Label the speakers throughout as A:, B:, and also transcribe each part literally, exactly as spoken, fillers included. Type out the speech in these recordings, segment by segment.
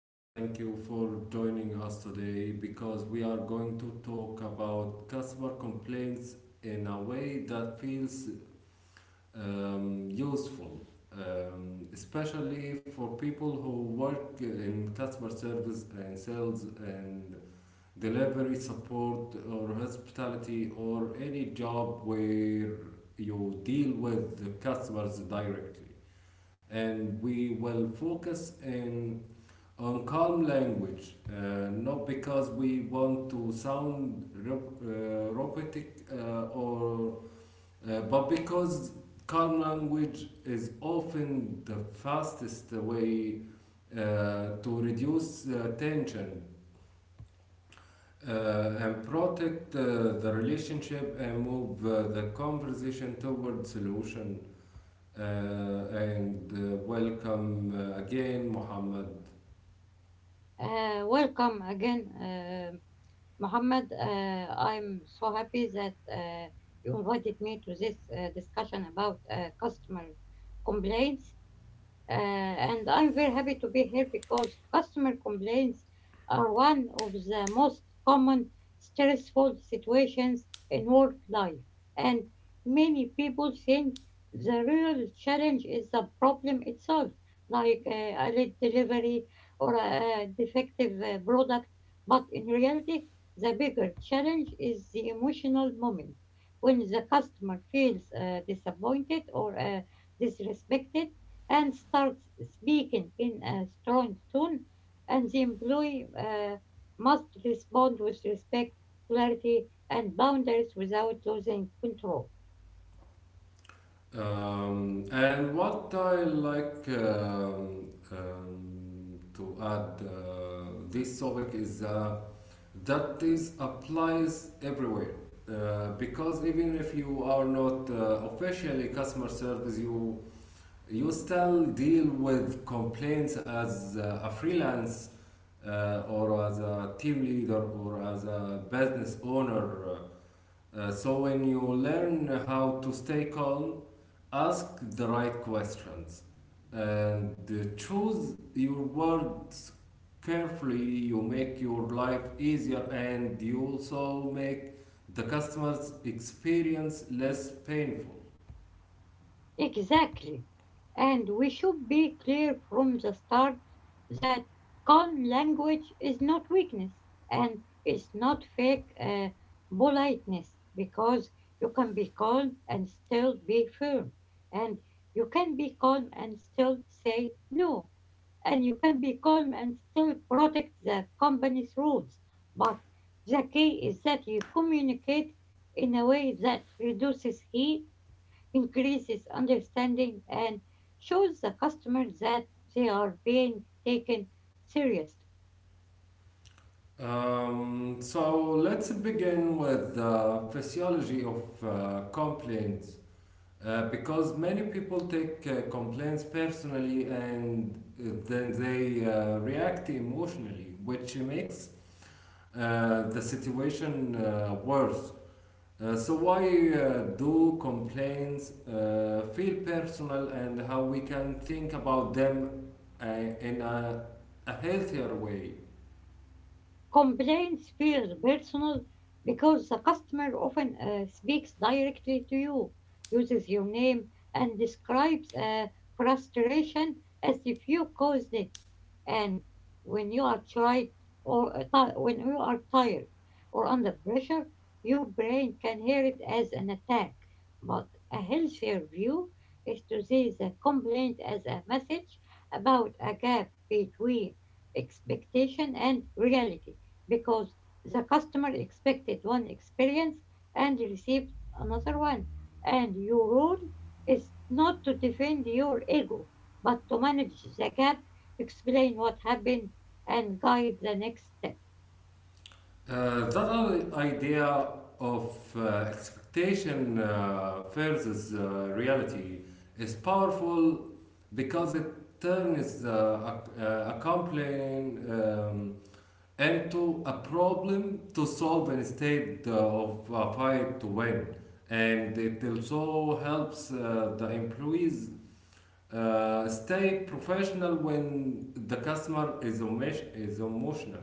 A: and thank you for joining us today, because we are going to talk about customer complaints in a way that feels um, useful, um, especially for people who work in customer service and sales and delivery support or hospitality or any job where you deal with the customers directly. And we will focus in on calm language, uh, not because we want to sound rep- uh, robotic uh, or uh, but because calm language is often the fastest way uh, to reduce uh, tension uh, and protect uh, the relationship, and move uh, the conversation toward solution. Uh, and uh, Welcome uh, again, Mohammed.
B: Uh, welcome again, uh, Mohammed. Uh, I'm so happy that uh, you invited me to this uh, discussion about uh, customer complaints. Uh, and I'm very happy to be here because customer complaints are one of the most common stressful situations in work life. And many people think the real challenge is the problem itself, like uh, a late delivery or a, a defective uh, product. But in reality, the bigger challenge is the emotional moment when the customer feels uh, disappointed or uh, disrespected and starts speaking in a strong tone, and the employee uh, must respond with respect, clarity, and boundaries without losing control.
A: Um, and what I like um, um, to add uh, this topic is uh, that this applies everywhere. Uh, because even if you are not uh, officially customer service, you you still deal with complaints as uh, a freelance uh, or as a team leader or as a business owner. Uh, so when you learn how to stay calm, ask the right questions, and uh, choose your words carefully, you make your life easier, and you also make the customer's experience less painful.
B: Exactly. And we should be clear from the start that calm language is not weakness and it's not fake uh, politeness, because you can be calm and still be firm, and you can be calm and still say no, and you can be calm and still protect the company's rules. But the key is that you communicate in a way that reduces heat, increases understanding, and shows the customer that they are being taken seriously.
A: Um, so let's begin with the physiology of uh, complaints. Uh, because many people take uh, complaints personally, and uh, then they uh, react emotionally, which makes uh, the situation uh, worse. Uh, so why uh, do complaints uh, feel personal, and how we can think about them uh, in a, a healthier way?
B: Complaints feel personal because the customer often uh, speaks directly to you, uses your name, and describes uh, frustration as if you caused it. And when you are tried or uh, ti- when you are tired or under pressure, your brain can hear it as an attack. But a healthier view is to see the complaint as a message about a gap between expectation and reality, because the customer expected one experience and received another one. And your role is not to defend your ego, but to manage the gap, explain what happened, and guide the next step.
A: Uh, that idea of uh, expectation uh, versus uh, reality is powerful because it turns uh, a, uh, a complaint um, into a problem to solve instead of a fight to win. And it also helps uh, the employees uh, stay professional when the customer is, emotion- is emotional.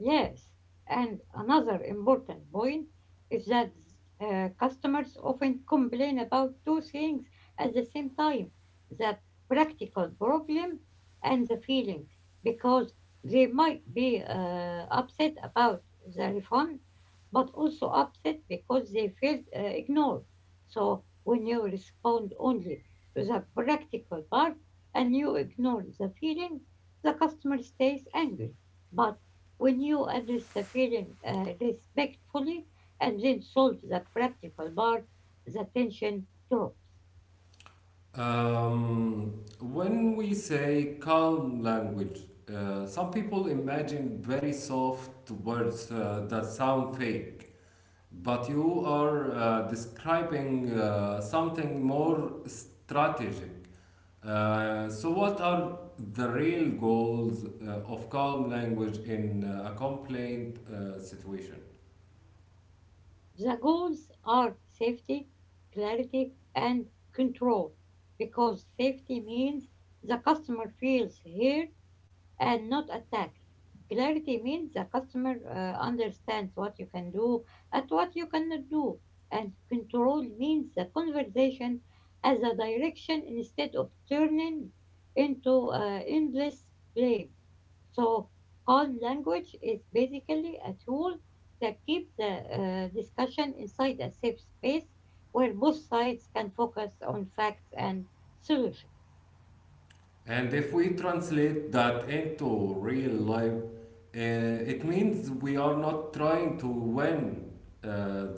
B: Yes, and another important point is that uh, customers often complain about two things at the same time, the practical problem and the feeling, because they might be uh, upset about the refund, but also upset because they felt uh, ignored. So when you respond only to the practical part and you ignore the feeling, the customer stays angry. But when you address the feeling uh, respectfully and then solve the practical part, the tension drops.
A: Um, when we say calm language, uh, some people imagine very soft words uh, that sound fake, but you are uh, describing uh, something more strategic. Uh, so, what are the real goals uh, of calm language in uh, a complaint uh, situation?
B: The goals are safety, clarity, and control, because safety means the customer feels heard and not attacked. Clarity means the customer uh, understands what you can do and what you cannot do. And control means the conversation as a direction instead of turning into uh, endless blame. So, calm language is basically a tool that keeps the uh, discussion inside a safe space where both sides can focus on facts and solutions.
A: And if we translate that into real life, uh, it means we are not trying to win uh,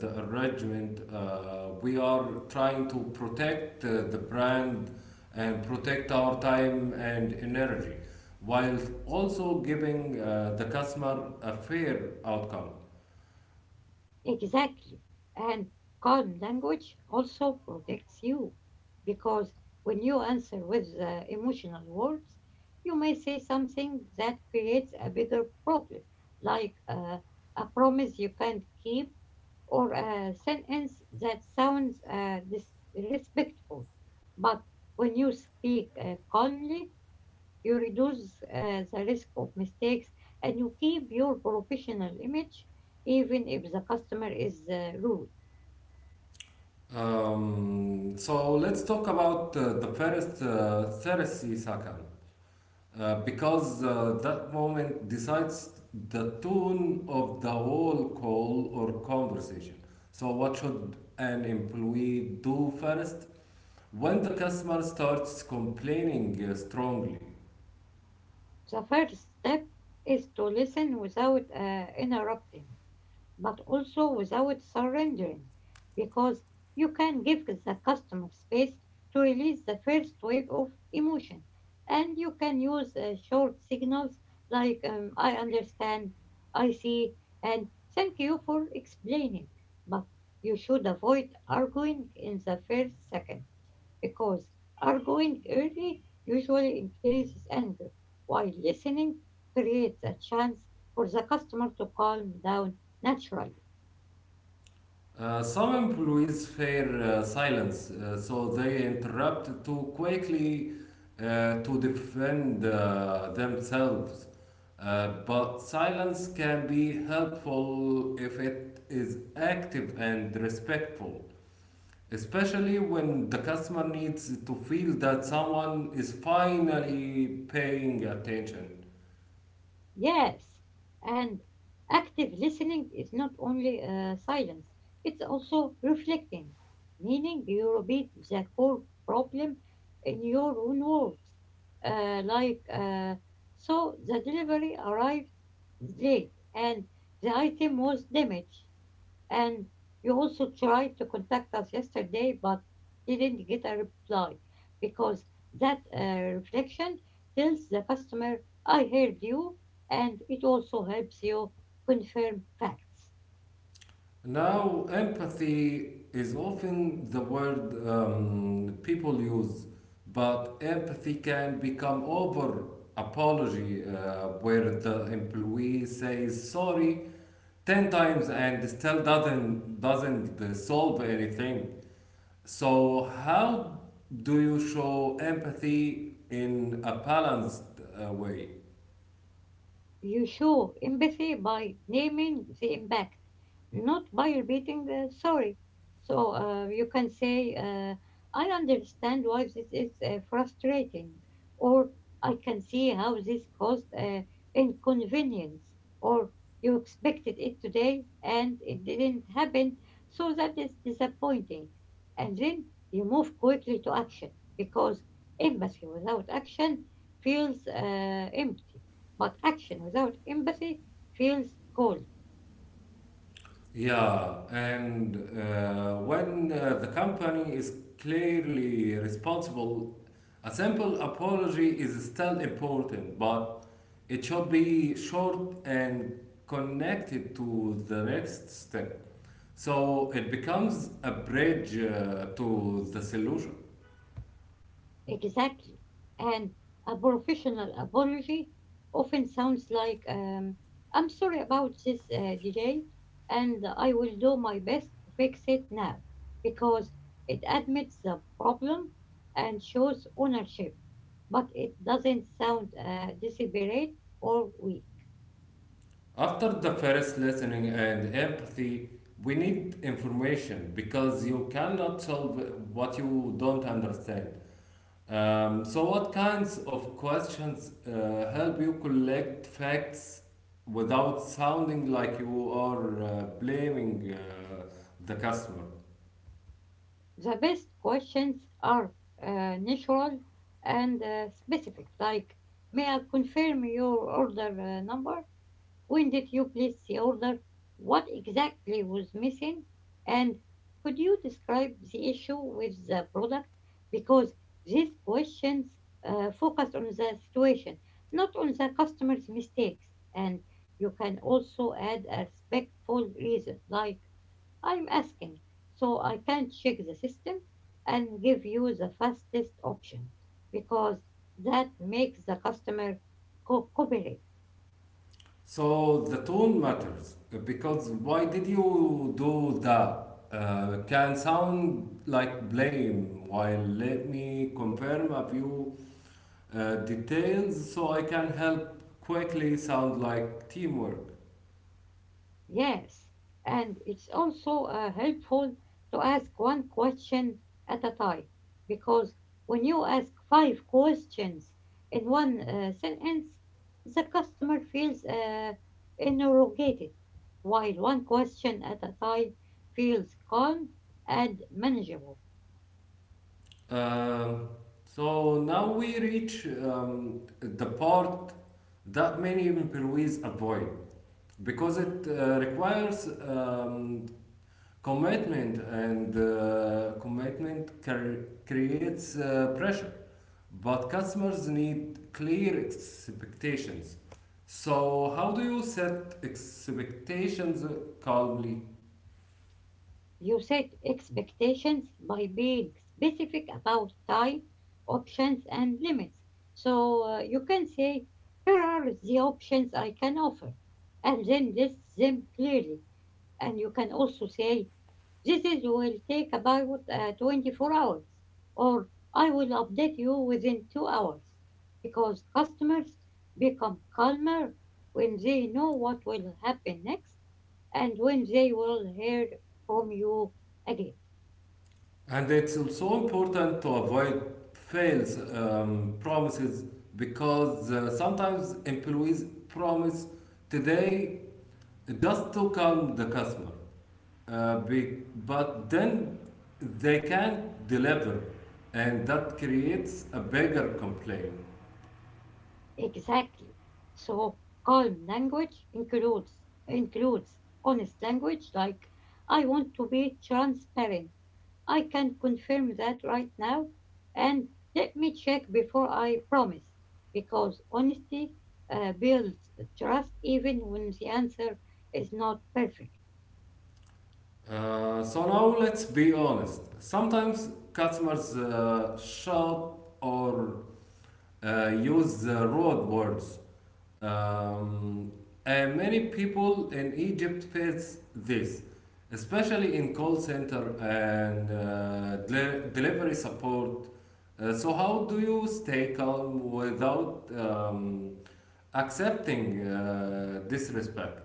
A: the arrangement. Uh, we are trying to protect uh, the brand and protect our time and energy, while also giving uh, the customer a fair outcome.
B: Exactly. And calm language also protects you, because when you answer with uh, emotional words, you may say something that creates a bigger problem, like uh, a promise you can't keep or a sentence that sounds uh, disrespectful. But when you speak uh, calmly, you reduce uh, the risk of mistakes, and you keep your professional image even if the customer is uh, rude.
A: Um, so let's talk about uh, the first uh, Therese Sakan. Uh, because uh, that moment decides the tone of the whole call or conversation. So, what should an employee do first when the customer starts complaining uh, strongly?
B: The first step is to listen without uh, interrupting, but also without surrendering, because you can give the customer space to release the first wave of emotion. And you can use uh, short signals like, um, I understand, I see, and thank you for explaining. But you should avoid arguing in the first second, because arguing early usually increases anger, while listening creates a chance for the customer to calm down natural.
A: Uh, some employees fear uh, silence, uh, so they interrupt too quickly uh, to defend uh, themselves. Uh, but silence can be helpful if it is active and respectful, especially when the customer needs to feel that someone is finally paying attention.
B: Yes. And active listening is not only uh, silence, it's also reflecting, meaning you repeat the core problem in your own words. Uh, like, uh, so the delivery arrived late and the item was damaged. And you also tried to contact us yesterday, but didn't get a reply, because that uh, reflection tells the customer, I heard you, and it also helps you confirm facts.
A: Now, empathy is often the word um, people use, but empathy can become over apology, uh, where the employee says sorry ten times and still doesn't, doesn't uh, solve anything. So, how do you show empathy in a balanced uh, way?
B: You show empathy by naming the impact, not by repeating uh, sorry. So uh, you can say, uh, I understand why this is uh, frustrating, or I can see how this caused uh, inconvenience, or you expected it today and it didn't happen, so that is disappointing. And then you move quickly to action, because empathy without action feels uh, empty. But action without empathy feels cold.
A: Yeah, and uh, when uh, the company is clearly responsible, a simple apology is still important, but it should be short and connected to the next step. So it becomes a bridge uh, to the solution.
B: Exactly. And a professional apology often sounds like, um, I'm sorry about this uh, delay, and I will do my best to fix it now, because it admits the problem and shows ownership, but it doesn't sound uh, desperate or weak.
A: After the first listening and empathy, we need information because you cannot solve what you don't understand. Um, so, what kinds of questions uh, help you collect facts without sounding like you are uh, blaming uh, the customer?
B: The best questions are uh, natural and uh, specific, like, may I confirm your order uh, number? When did you place the order? What exactly was missing? And could you describe the issue with the product? Because these questions uh, focus on the situation, not on the customer's mistakes. And you can also add a respectful reason, like, I'm asking, so I can check the system and give you the fastest option, because that makes the customer co- cooperate.
A: So, the tone matters uh, because "Why did you do that?" Uh, can sound like blame, while "Let me confirm a few uh, details so I can help quickly" sound like teamwork.
B: Yes, and it's also uh, helpful to ask one question at a time, because when you ask five questions in one uh, sentence, the customer feels uh, interrogated, while one question at a time feels calm and manageable.
A: Um, so now we reach um, the part that many employees avoid because it uh, requires um, commitment, and uh, commitment cre- creates uh, pressure. But customers need clear expectations. So, how do you set expectations calmly?
B: You set expectations by being specific about time, options, and limits. So uh, you can say, here are the options I can offer, and then list them clearly. And you can also say, this is will take about uh, twenty-four hours, or I will update you within two hours, because customers become calmer when they know what will happen next and when they will hear from you again.
A: And it's also so important to avoid false um, promises, because uh, sometimes employees promise today just to calm the customer, uh, be, but then they can't deliver, and that creates a bigger complaint.
B: Exactly. So calm language includes includes honest language, like, I want to be transparent, I can confirm that right now. And let me check before I promise, because honesty uh, builds trust even when the answer is not perfect.
A: Uh, so now let's be honest. Sometimes customers uh, shout or uh, use the road words. Um, and many people in Egypt face this, especially in call center and uh, deli- delivery support. Uh, so, how do you stay calm without um, accepting uh, disrespect?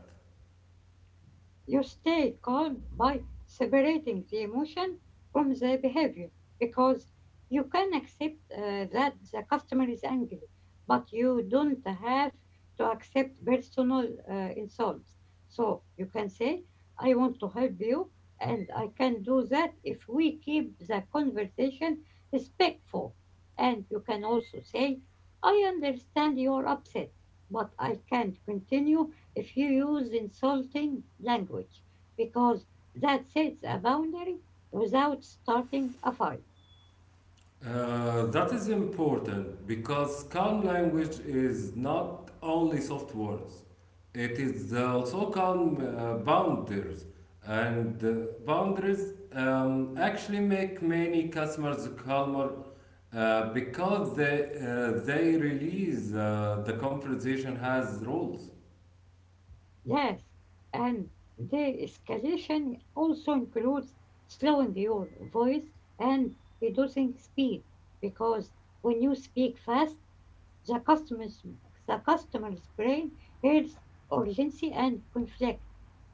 B: You stay calm by separating the emotion from the behavior, because you can accept uh, that the customer is angry, but you don't have to accept personal uh, insults. So you can say, I want to help you, and I can do that if we keep the conversation respectful. And you can also say, I understand you're upset, but I can't continue if you use insulting language, because that sets a boundary without starting a fight.
A: Uh, that is important because calm language is not only soft words, it is also calm uh, boundaries. And uh, boundaries um, actually make many customers calmer uh, because they, uh, they release uh, the conversation has rules.
B: Yes, and the escalation also includes slowing your voice and reducing speed, because when you speak fast, The customer's, the customer's brain hears urgency and conflict,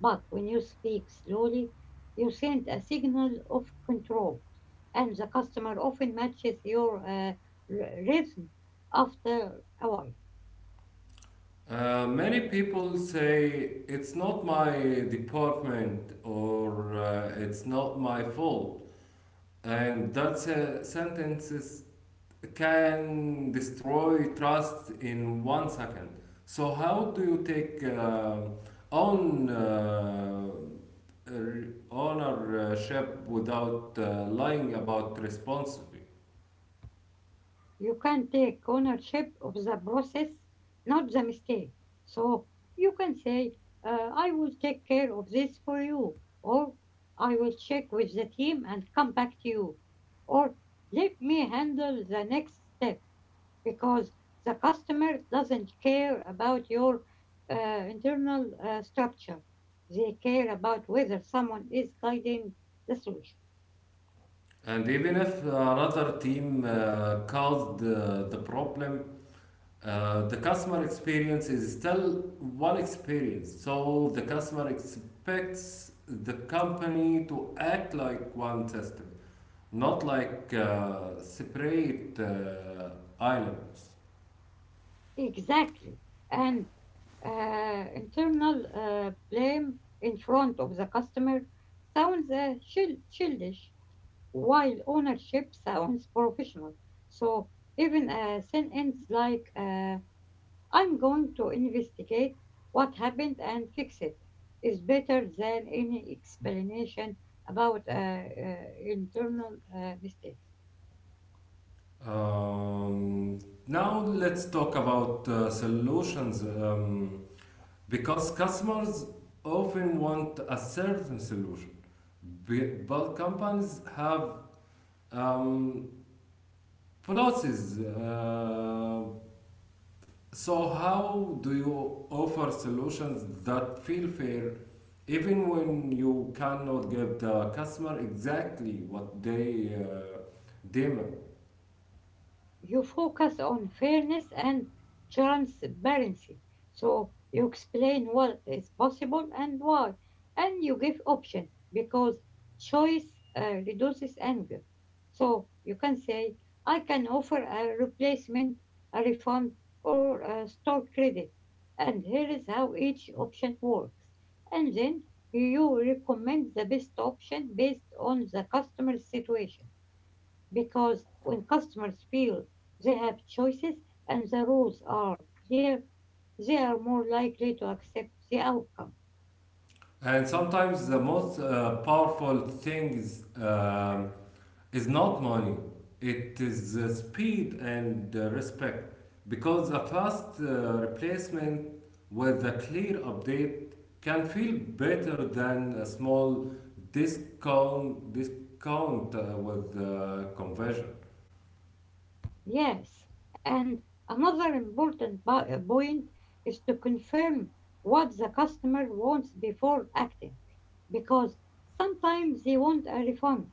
B: but when you speak slowly, you send a signal of control, and the customer often matches your uh, r- rhythm after a while.
A: Uh, many people say "It's not my department" or uh, "It's not my fault," and that uh, sentences can destroy trust in one second. So how do you take uh, own uh, r- ownership without uh, lying about responsibility?
B: You can take ownership of the process, not the mistake. So you can say, uh, I will take care of this for you, or I will check with the team and come back to you, or let me handle the next step, because the customer doesn't care about your uh, internal uh, structure. They care about whether someone is guiding the solution.
A: And even if another team uh, caused uh, the problem, Uh, the customer experience is still one experience. So the customer expects the company to act like one system, not like uh, separate uh, islands.
B: Exactly. And uh, internal uh, blame in front of the customer sounds uh, chill- childish, while ownership sounds professional. So even a sentence like, uh, I'm going to investigate what happened and fix it, is better than any explanation about uh, uh, internal uh, mistake.
A: Um, Now let's talk about uh, solutions, um, because customers often want a certain solution, but companies have um, policies. uh, So, how do you offer solutions that feel fair even when you cannot give the customer exactly what they uh, demand?
B: You focus on fairness and transparency. So you explain what is possible and why, and you give options, because choice uh, reduces anger. So you can say, I can offer a replacement, a refund, or a store credit, and here is how each option works. And then you recommend the best option based on the customer's situation, because when customers feel they have choices and the rules are clear, they are more likely to accept the outcome.
A: And sometimes the most uh, powerful things um, is not money. It is uh, speed and uh, respect, because a fast uh, replacement with a clear update can feel better than a small discount discount uh, with uh, conversion.
B: Yes, and another important bu- uh, point is to confirm what the customer wants before acting, because sometimes they want a refund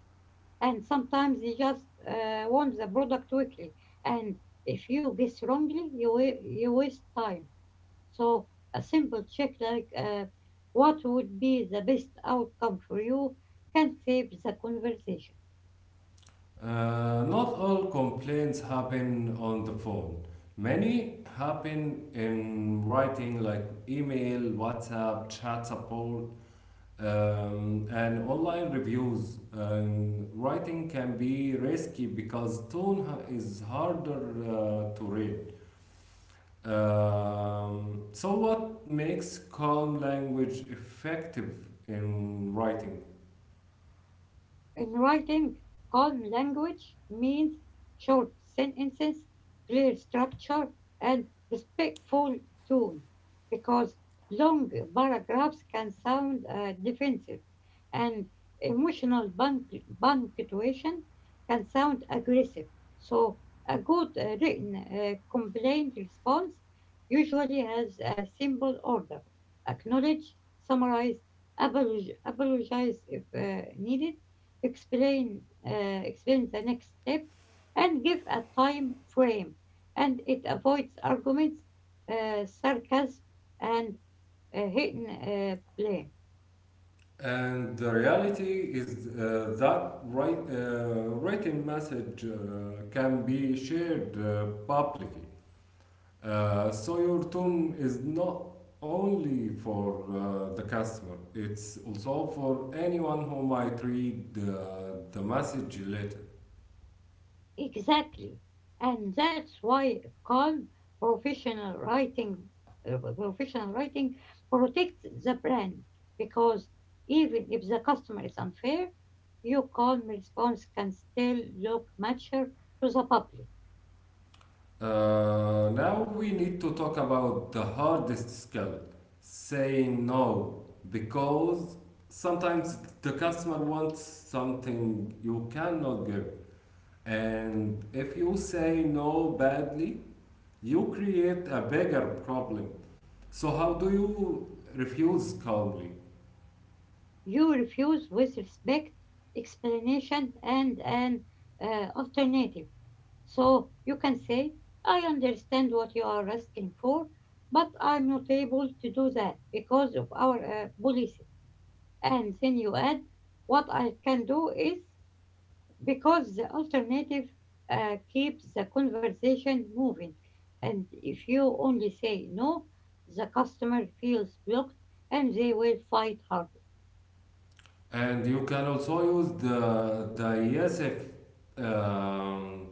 B: and sometimes they just uh, want the product quickly. And if you guess wrongly, you wa- you waste time. So a simple check, like, uh, what would be the best outcome for you, can save the conversation.
A: Uh, not all complaints happen on the phone. Many happen in writing, like email, WhatsApp, chat support, um, and online reviews. And writing can be risky because tone ha- is harder uh, to read. Um, so what makes calm language effective in writing?
B: In writing, calm language means short sentences, clear structure, and respectful tone, because long paragraphs can sound uh, defensive, and emotional punct- punctuation can sound aggressive. So, a good uh, written uh, complaint response usually has a simple order: acknowledge, summarize, apologize if uh, needed, explain uh, explain the next step, and give a time frame. And it avoids arguments, uh, sarcasm, and uh, hidden uh, blame.
A: And the reality is uh, that write, uh, written message uh, can be shared uh, publicly. Uh, so your tone is not only for uh, the customer, it's also for anyone who might read uh, the message later.
B: Exactly. And that's why calm professional writing uh, professional writing protects the brand, because even if the customer is unfair, your calm response can still look mature to the public.
A: Uh, now we need to talk about the hardest skill, saying no, because sometimes the customer wants something you cannot give. And if you say no badly, you create a bigger problem. So how do you refuse calmly?
B: You refuse with respect, explanation, and an uh, alternative. So you can say, I understand what you are asking for, but I'm not able to do that because of our uh, policy. And then you add, what I can do is, because the alternative uh, keeps the conversation moving. And if you only say no, the customer feels blocked and they will fight hard.
A: And you can also use the the E S F um,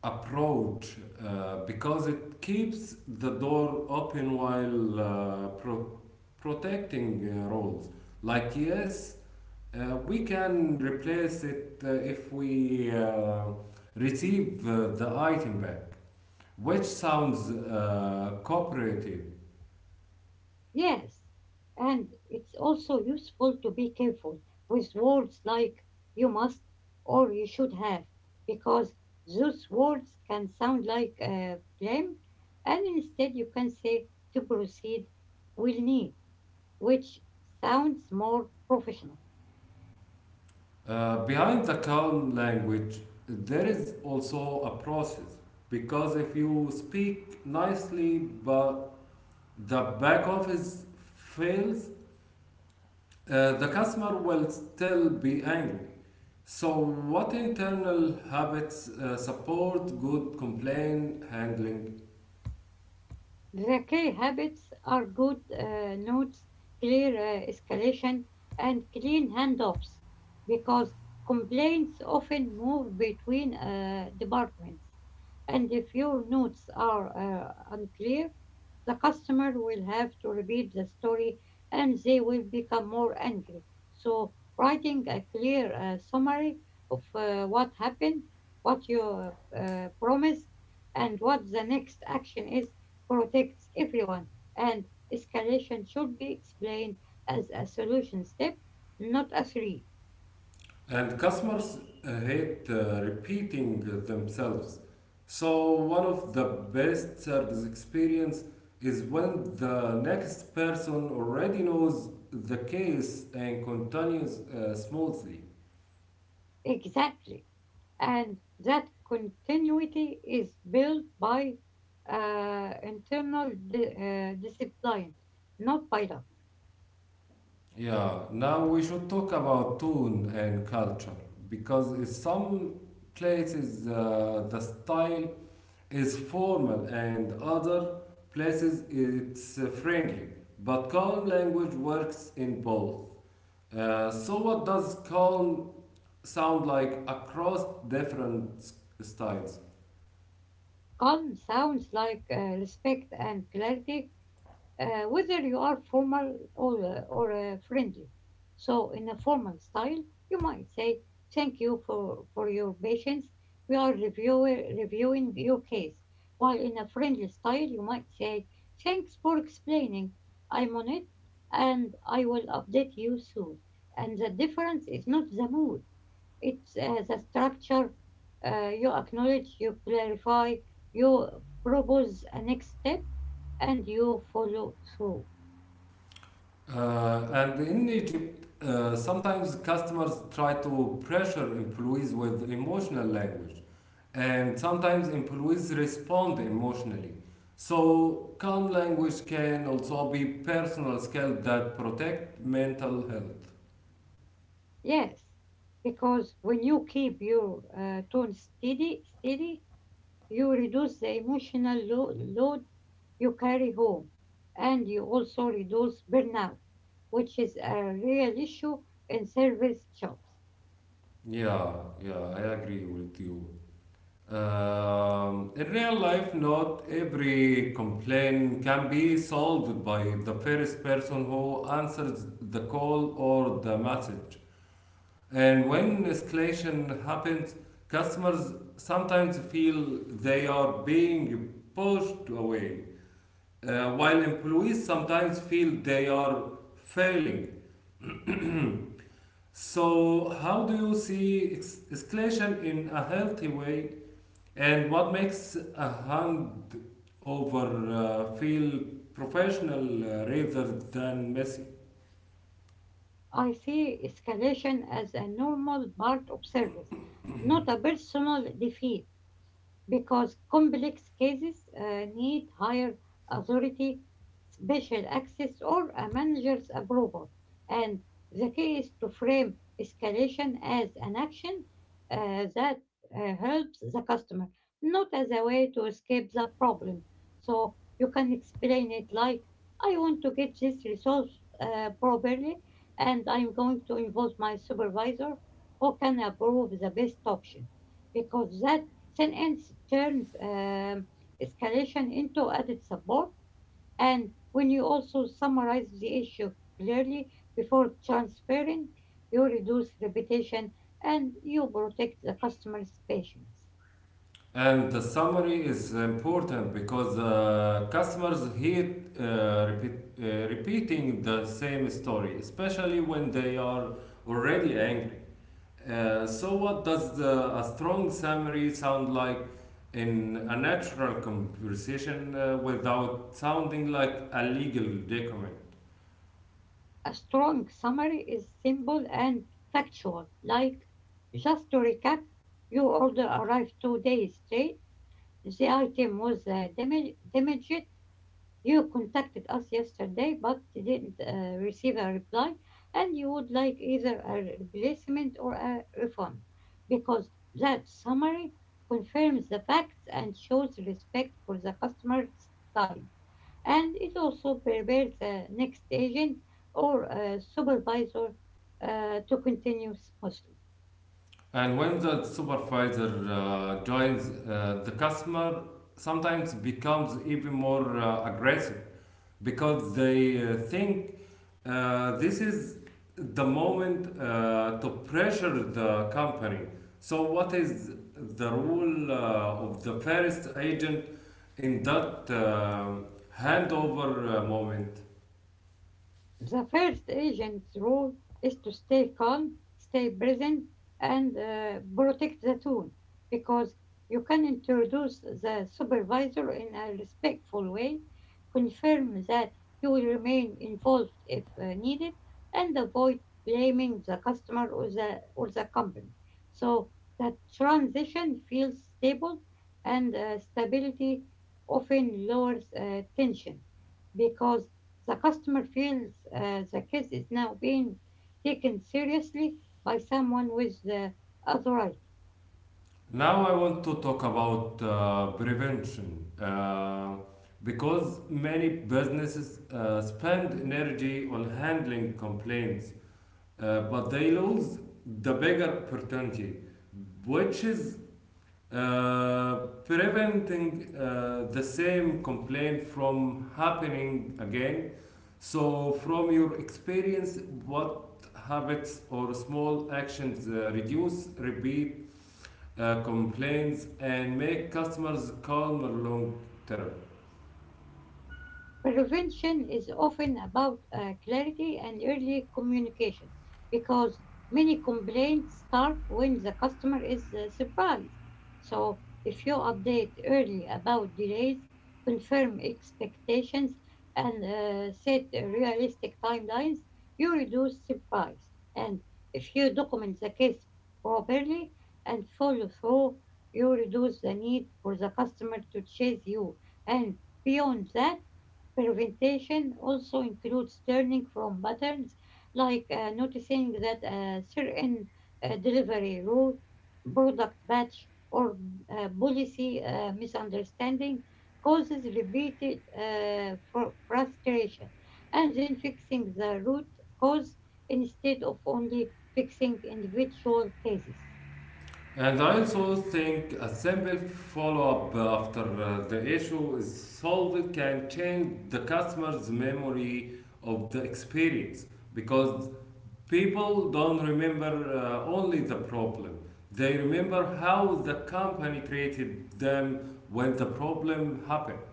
A: approach uh, because it keeps the door open while uh, pro- protecting uh, roles. Like yes, uh, we can replace it uh, if we uh, receive uh, the item back, which sounds uh, cooperative.
B: Yes, and it's also useful to be careful with words like you must or you should have, because those words can sound like uh, blame, and instead you can say to proceed, will need, which sounds more professional.
A: Uh, behind the calm language, there is also a process, because if you speak nicely but the back office fails, uh, the customer will still be angry. So, what internal habits uh, support good complaint handling?
B: The key habits are good uh, notes, clear uh, escalation, and clean handoffs because complaints often move between uh, departments. And if your notes are uh, unclear, the customer will have to repeat the story and they will become more angry. So, writing a clear uh, summary of uh, what happened, what you uh, promised, and what the next action is protects everyone, and escalation should be explained as a solution step, not a threat.
A: And customers uh, hate uh, repeating themselves. So one of the best service experience is when the next person already knows the case and continues uh, smoothly.
B: Exactly. And that continuity is built by uh, internal di- uh, discipline, not by luck.
A: Yeah, now we should talk about tone and culture, because in some places uh, the style is formal, and other places it's uh, friendly. But calm language works in both. Uh, so, what does calm sound like across different s- styles?
B: Calm sounds like uh, respect and clarity uh, whether you are formal or, uh, or uh, friendly. So, in a formal style, you might say, Thank you for, for your patience. We are review- reviewing your case. While in a friendly style, you might say, Thanks for explaining. I'm on it and I will update you soon. And the difference is not the mood, it's as a structure. Uh, you acknowledge, you clarify, you propose a next step, and you follow through.
A: Uh, and in Egypt, uh, sometimes customers try to pressure employees with emotional language, and sometimes employees respond emotionally. So calm language can also be personal skill that protect mental health.
B: Yes, because when you keep your uh, tone steady, steady, you reduce the emotional lo- load you carry home, and you also reduce burnout, which is a real issue in service jobs.
A: Yeah, yeah, I agree with you. Um, in real life, not every complaint can be solved by the first person who answers the call or the message. And when escalation happens, customers sometimes feel they are being pushed away, uh, while employees sometimes feel they are failing. So, how do you see ex- escalation in a healthy way, and what makes a hand over uh, feel professional uh, rather than messy?
B: I see escalation as a normal part of service, not a personal defeat because complex cases uh, need higher authority, special access, or a manager's approval. And the key is to frame escalation as an action uh, that uh, helps the customer, not as a way to escape the problem. So you can explain it like, I want to get this resolved uh, properly, and I'm going to involve my supervisor who can approve the best option because that sentence turns um, escalation into added support, and when you also summarize the issue clearly before transferring, you reduce repetition and you protect the customer's patience.
A: And the summary is important because uh, customers hate uh, repeat, uh, repeating the same story, especially when they are already angry. Uh, so, what does the, a strong summary sound like in a natural conversation uh, without sounding like a legal document?
B: A strong summary is simple and factual, like just to recap, your order arrived two days late. The item was uh, damage- damaged. You contacted us yesterday but didn't uh, receive a reply, and you would like either a replacement or a refund because that summary confirms the facts and shows respect for the customer's time. And it also prepares the next agent or uh, supervisor uh, to continue smoothly.
A: And when the supervisor uh, joins, uh, the customer sometimes becomes even more uh, aggressive because they uh, think uh, this is the moment uh, to pressure the company. So, what is the role uh, of the first agent in that um handover uh, moment?
B: The first agent's role is to stay calm, stay present, and uh, protect the tone, because you can introduce the supervisor in a respectful way, confirm that you will remain involved if uh, needed, and avoid blaming the customer or the, or the company. So the transition feels stable, and uh, stability often lowers uh, tension because the customer feels uh, the case is now being taken seriously by someone with the authority.
A: Now, I want to talk about uh, prevention, uh, because many businesses uh, spend energy on handling complaints, Uh, but they lose the bigger opportunity, which is uh, preventing uh, the same complaint from happening again. So, from your experience, what habits or small actions uh, reduce repeat uh, complaints and make customers calmer long term?
B: Prevention is often about uh, clarity and early communication because many complaints start when the customer is uh, surprised. So, if you update early about delays, confirm expectations, and uh, set realistic timelines, you reduce surprise. And if you document the case properly and follow through, you reduce the need for the customer to chase you. And beyond that, prevention also includes learning from patterns, like uh, noticing that a certain uh, delivery route, product batch, or uh, policy uh, misunderstanding causes repeated uh, fr- frustration, and then fixing the root cause instead of only fixing individual cases.
A: And I also think a simple follow up after uh, the issue is solved can change the customer's memory of the experience, because people don't remember uh, only the problem, they remember how the company treated them when the problem happened.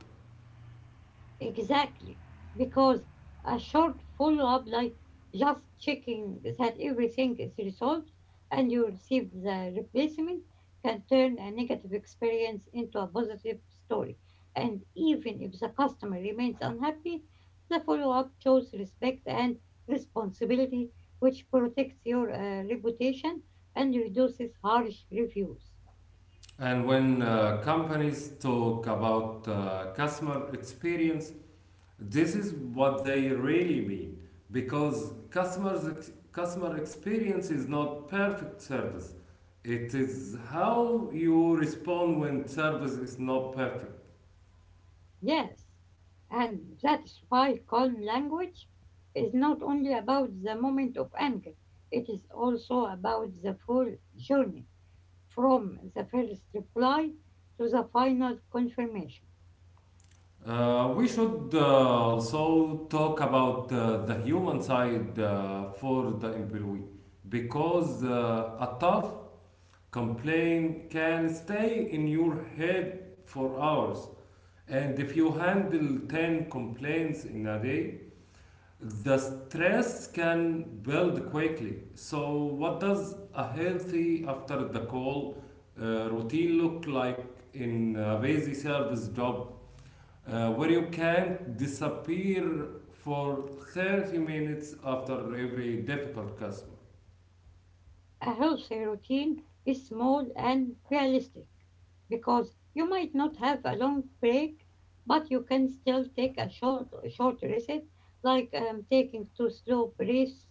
B: Exactly. Because a short follow-up, like just checking that everything is resolved and you received the replacement, can turn a negative experience into a positive story. And even if the customer remains unhappy, the follow-up shows respect and responsibility, which protects your uh, reputation and reduces harsh reviews.
A: And when uh, companies talk about uh, customer experience, this is what they really mean, because customers ex- customer experience is not perfect service. It is how you respond when service is not perfect.
B: Yes, and that's why calm language is not only about the moment of anger, it is also about the full journey from the first reply to the final confirmation.
A: Uh, we should uh, also talk about uh, the human side uh, for the employee, because uh, a tough complaint can stay in your head for hours. And if you handle ten complaints in a day, the stress can build quickly. So, what does a healthy after the call uh, routine look like in a busy service job uh, where you can disappear for thirty minutes after every difficult customer?
B: A healthy routine is small and realistic because you might not have a long break, but you can still take a short, short reset, like um, taking two slow breaths,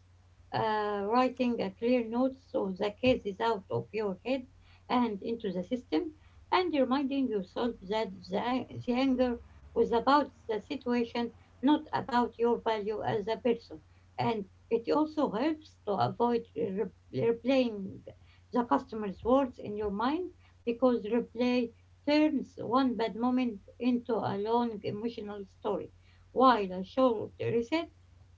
B: uh, writing a clear note so the case is out of your head and into the system, and reminding yourself that the, the anger was about the situation, not about your value as a person. And it also helps to avoid re- replaying the customer's words in your mind because replay turns one bad moment into a long emotional story, while a short reset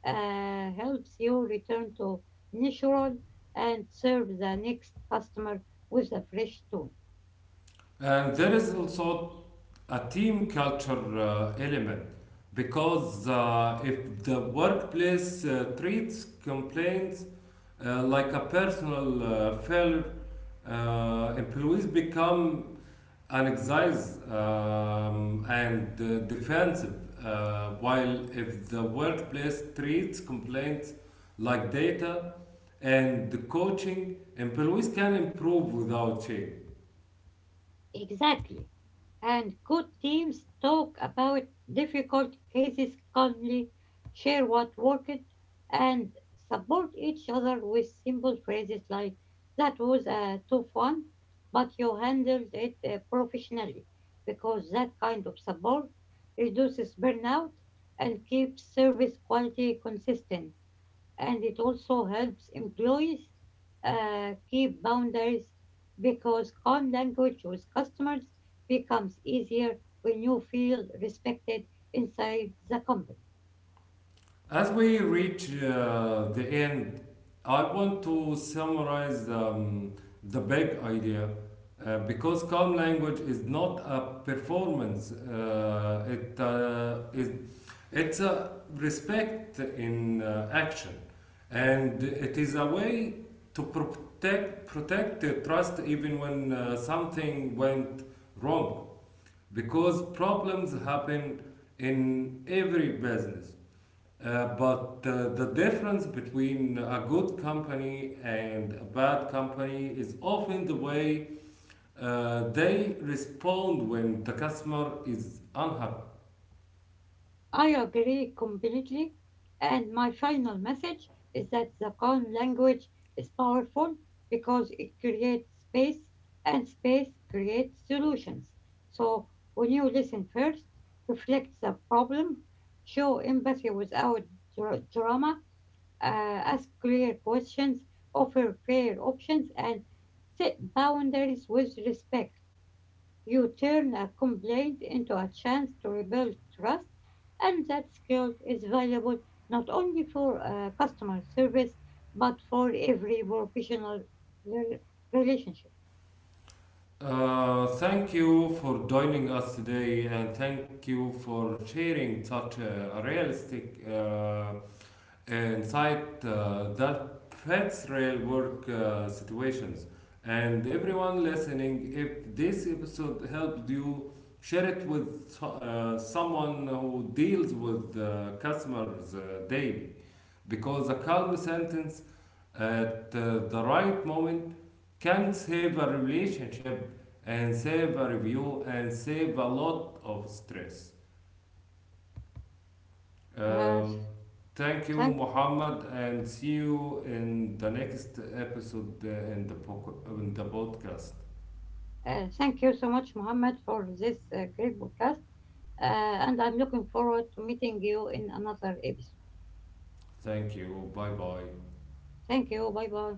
B: uh, helps you return to natural and serve the next customer with a fresh tone.
A: And there is also a team culture uh, element, because uh, if the workplace uh, treats complaints uh, like a personal uh, failure, uh, employees become anxious um, and uh, defensive. Uh, while if the workplace treats complaints like data and coaching, employees can improve without shame.
B: Exactly. And good teams talk about difficult cases calmly, share what worked, and support each other with simple phrases like, that was a tough one, but you handled it uh, professionally, because that kind of support reduces burnout and keeps service quality consistent, and it also helps employees uh, keep boundaries because calm language with customers becomes easier when you feel respected inside the company.
A: As we reach uh, the end, I want to summarize um, the big idea, uh, because calm language is not a performance, uh, it, uh, it, it's a respect in uh, action, and it is a way to protect, protect the trust even when uh, something went wrong, because problems happen in every business, uh, but uh, the difference between a good company and a bad company is often the way uh, they respond when the customer is unhappy.
B: I agree completely. And my final message is that the calm language is powerful because it creates space and space creates solutions. So when you listen first, reflect the problem, show empathy without dra- drama, uh, ask clear questions, offer fair options, and set boundaries with respect. You turn a complaint into a chance to rebuild trust, and that skill is valuable not only for uh, customer service but for every professional rel- relationship.
A: Uh, thank you for joining us today, and thank you for sharing such a realistic uh, and cite uh, that fits real work uh, situations. And everyone listening, if this episode helped you, share it with so, uh, someone who deals with uh, customers uh, daily. Because a calm sentence at uh, the right moment can save a relationship, and save a review, and save a lot of stress.
B: Uh,
A: Um, Thank you,
B: thank,
A: Muhammad, and see you in the next episode uh, in the, po- in the podcast.
B: uh, Thank you so much, Mohammed, for this uh, great podcast, uh, and I'm looking forward to meeting you in another episode.
A: Thank you. Bye bye.
B: Thank you. Bye bye.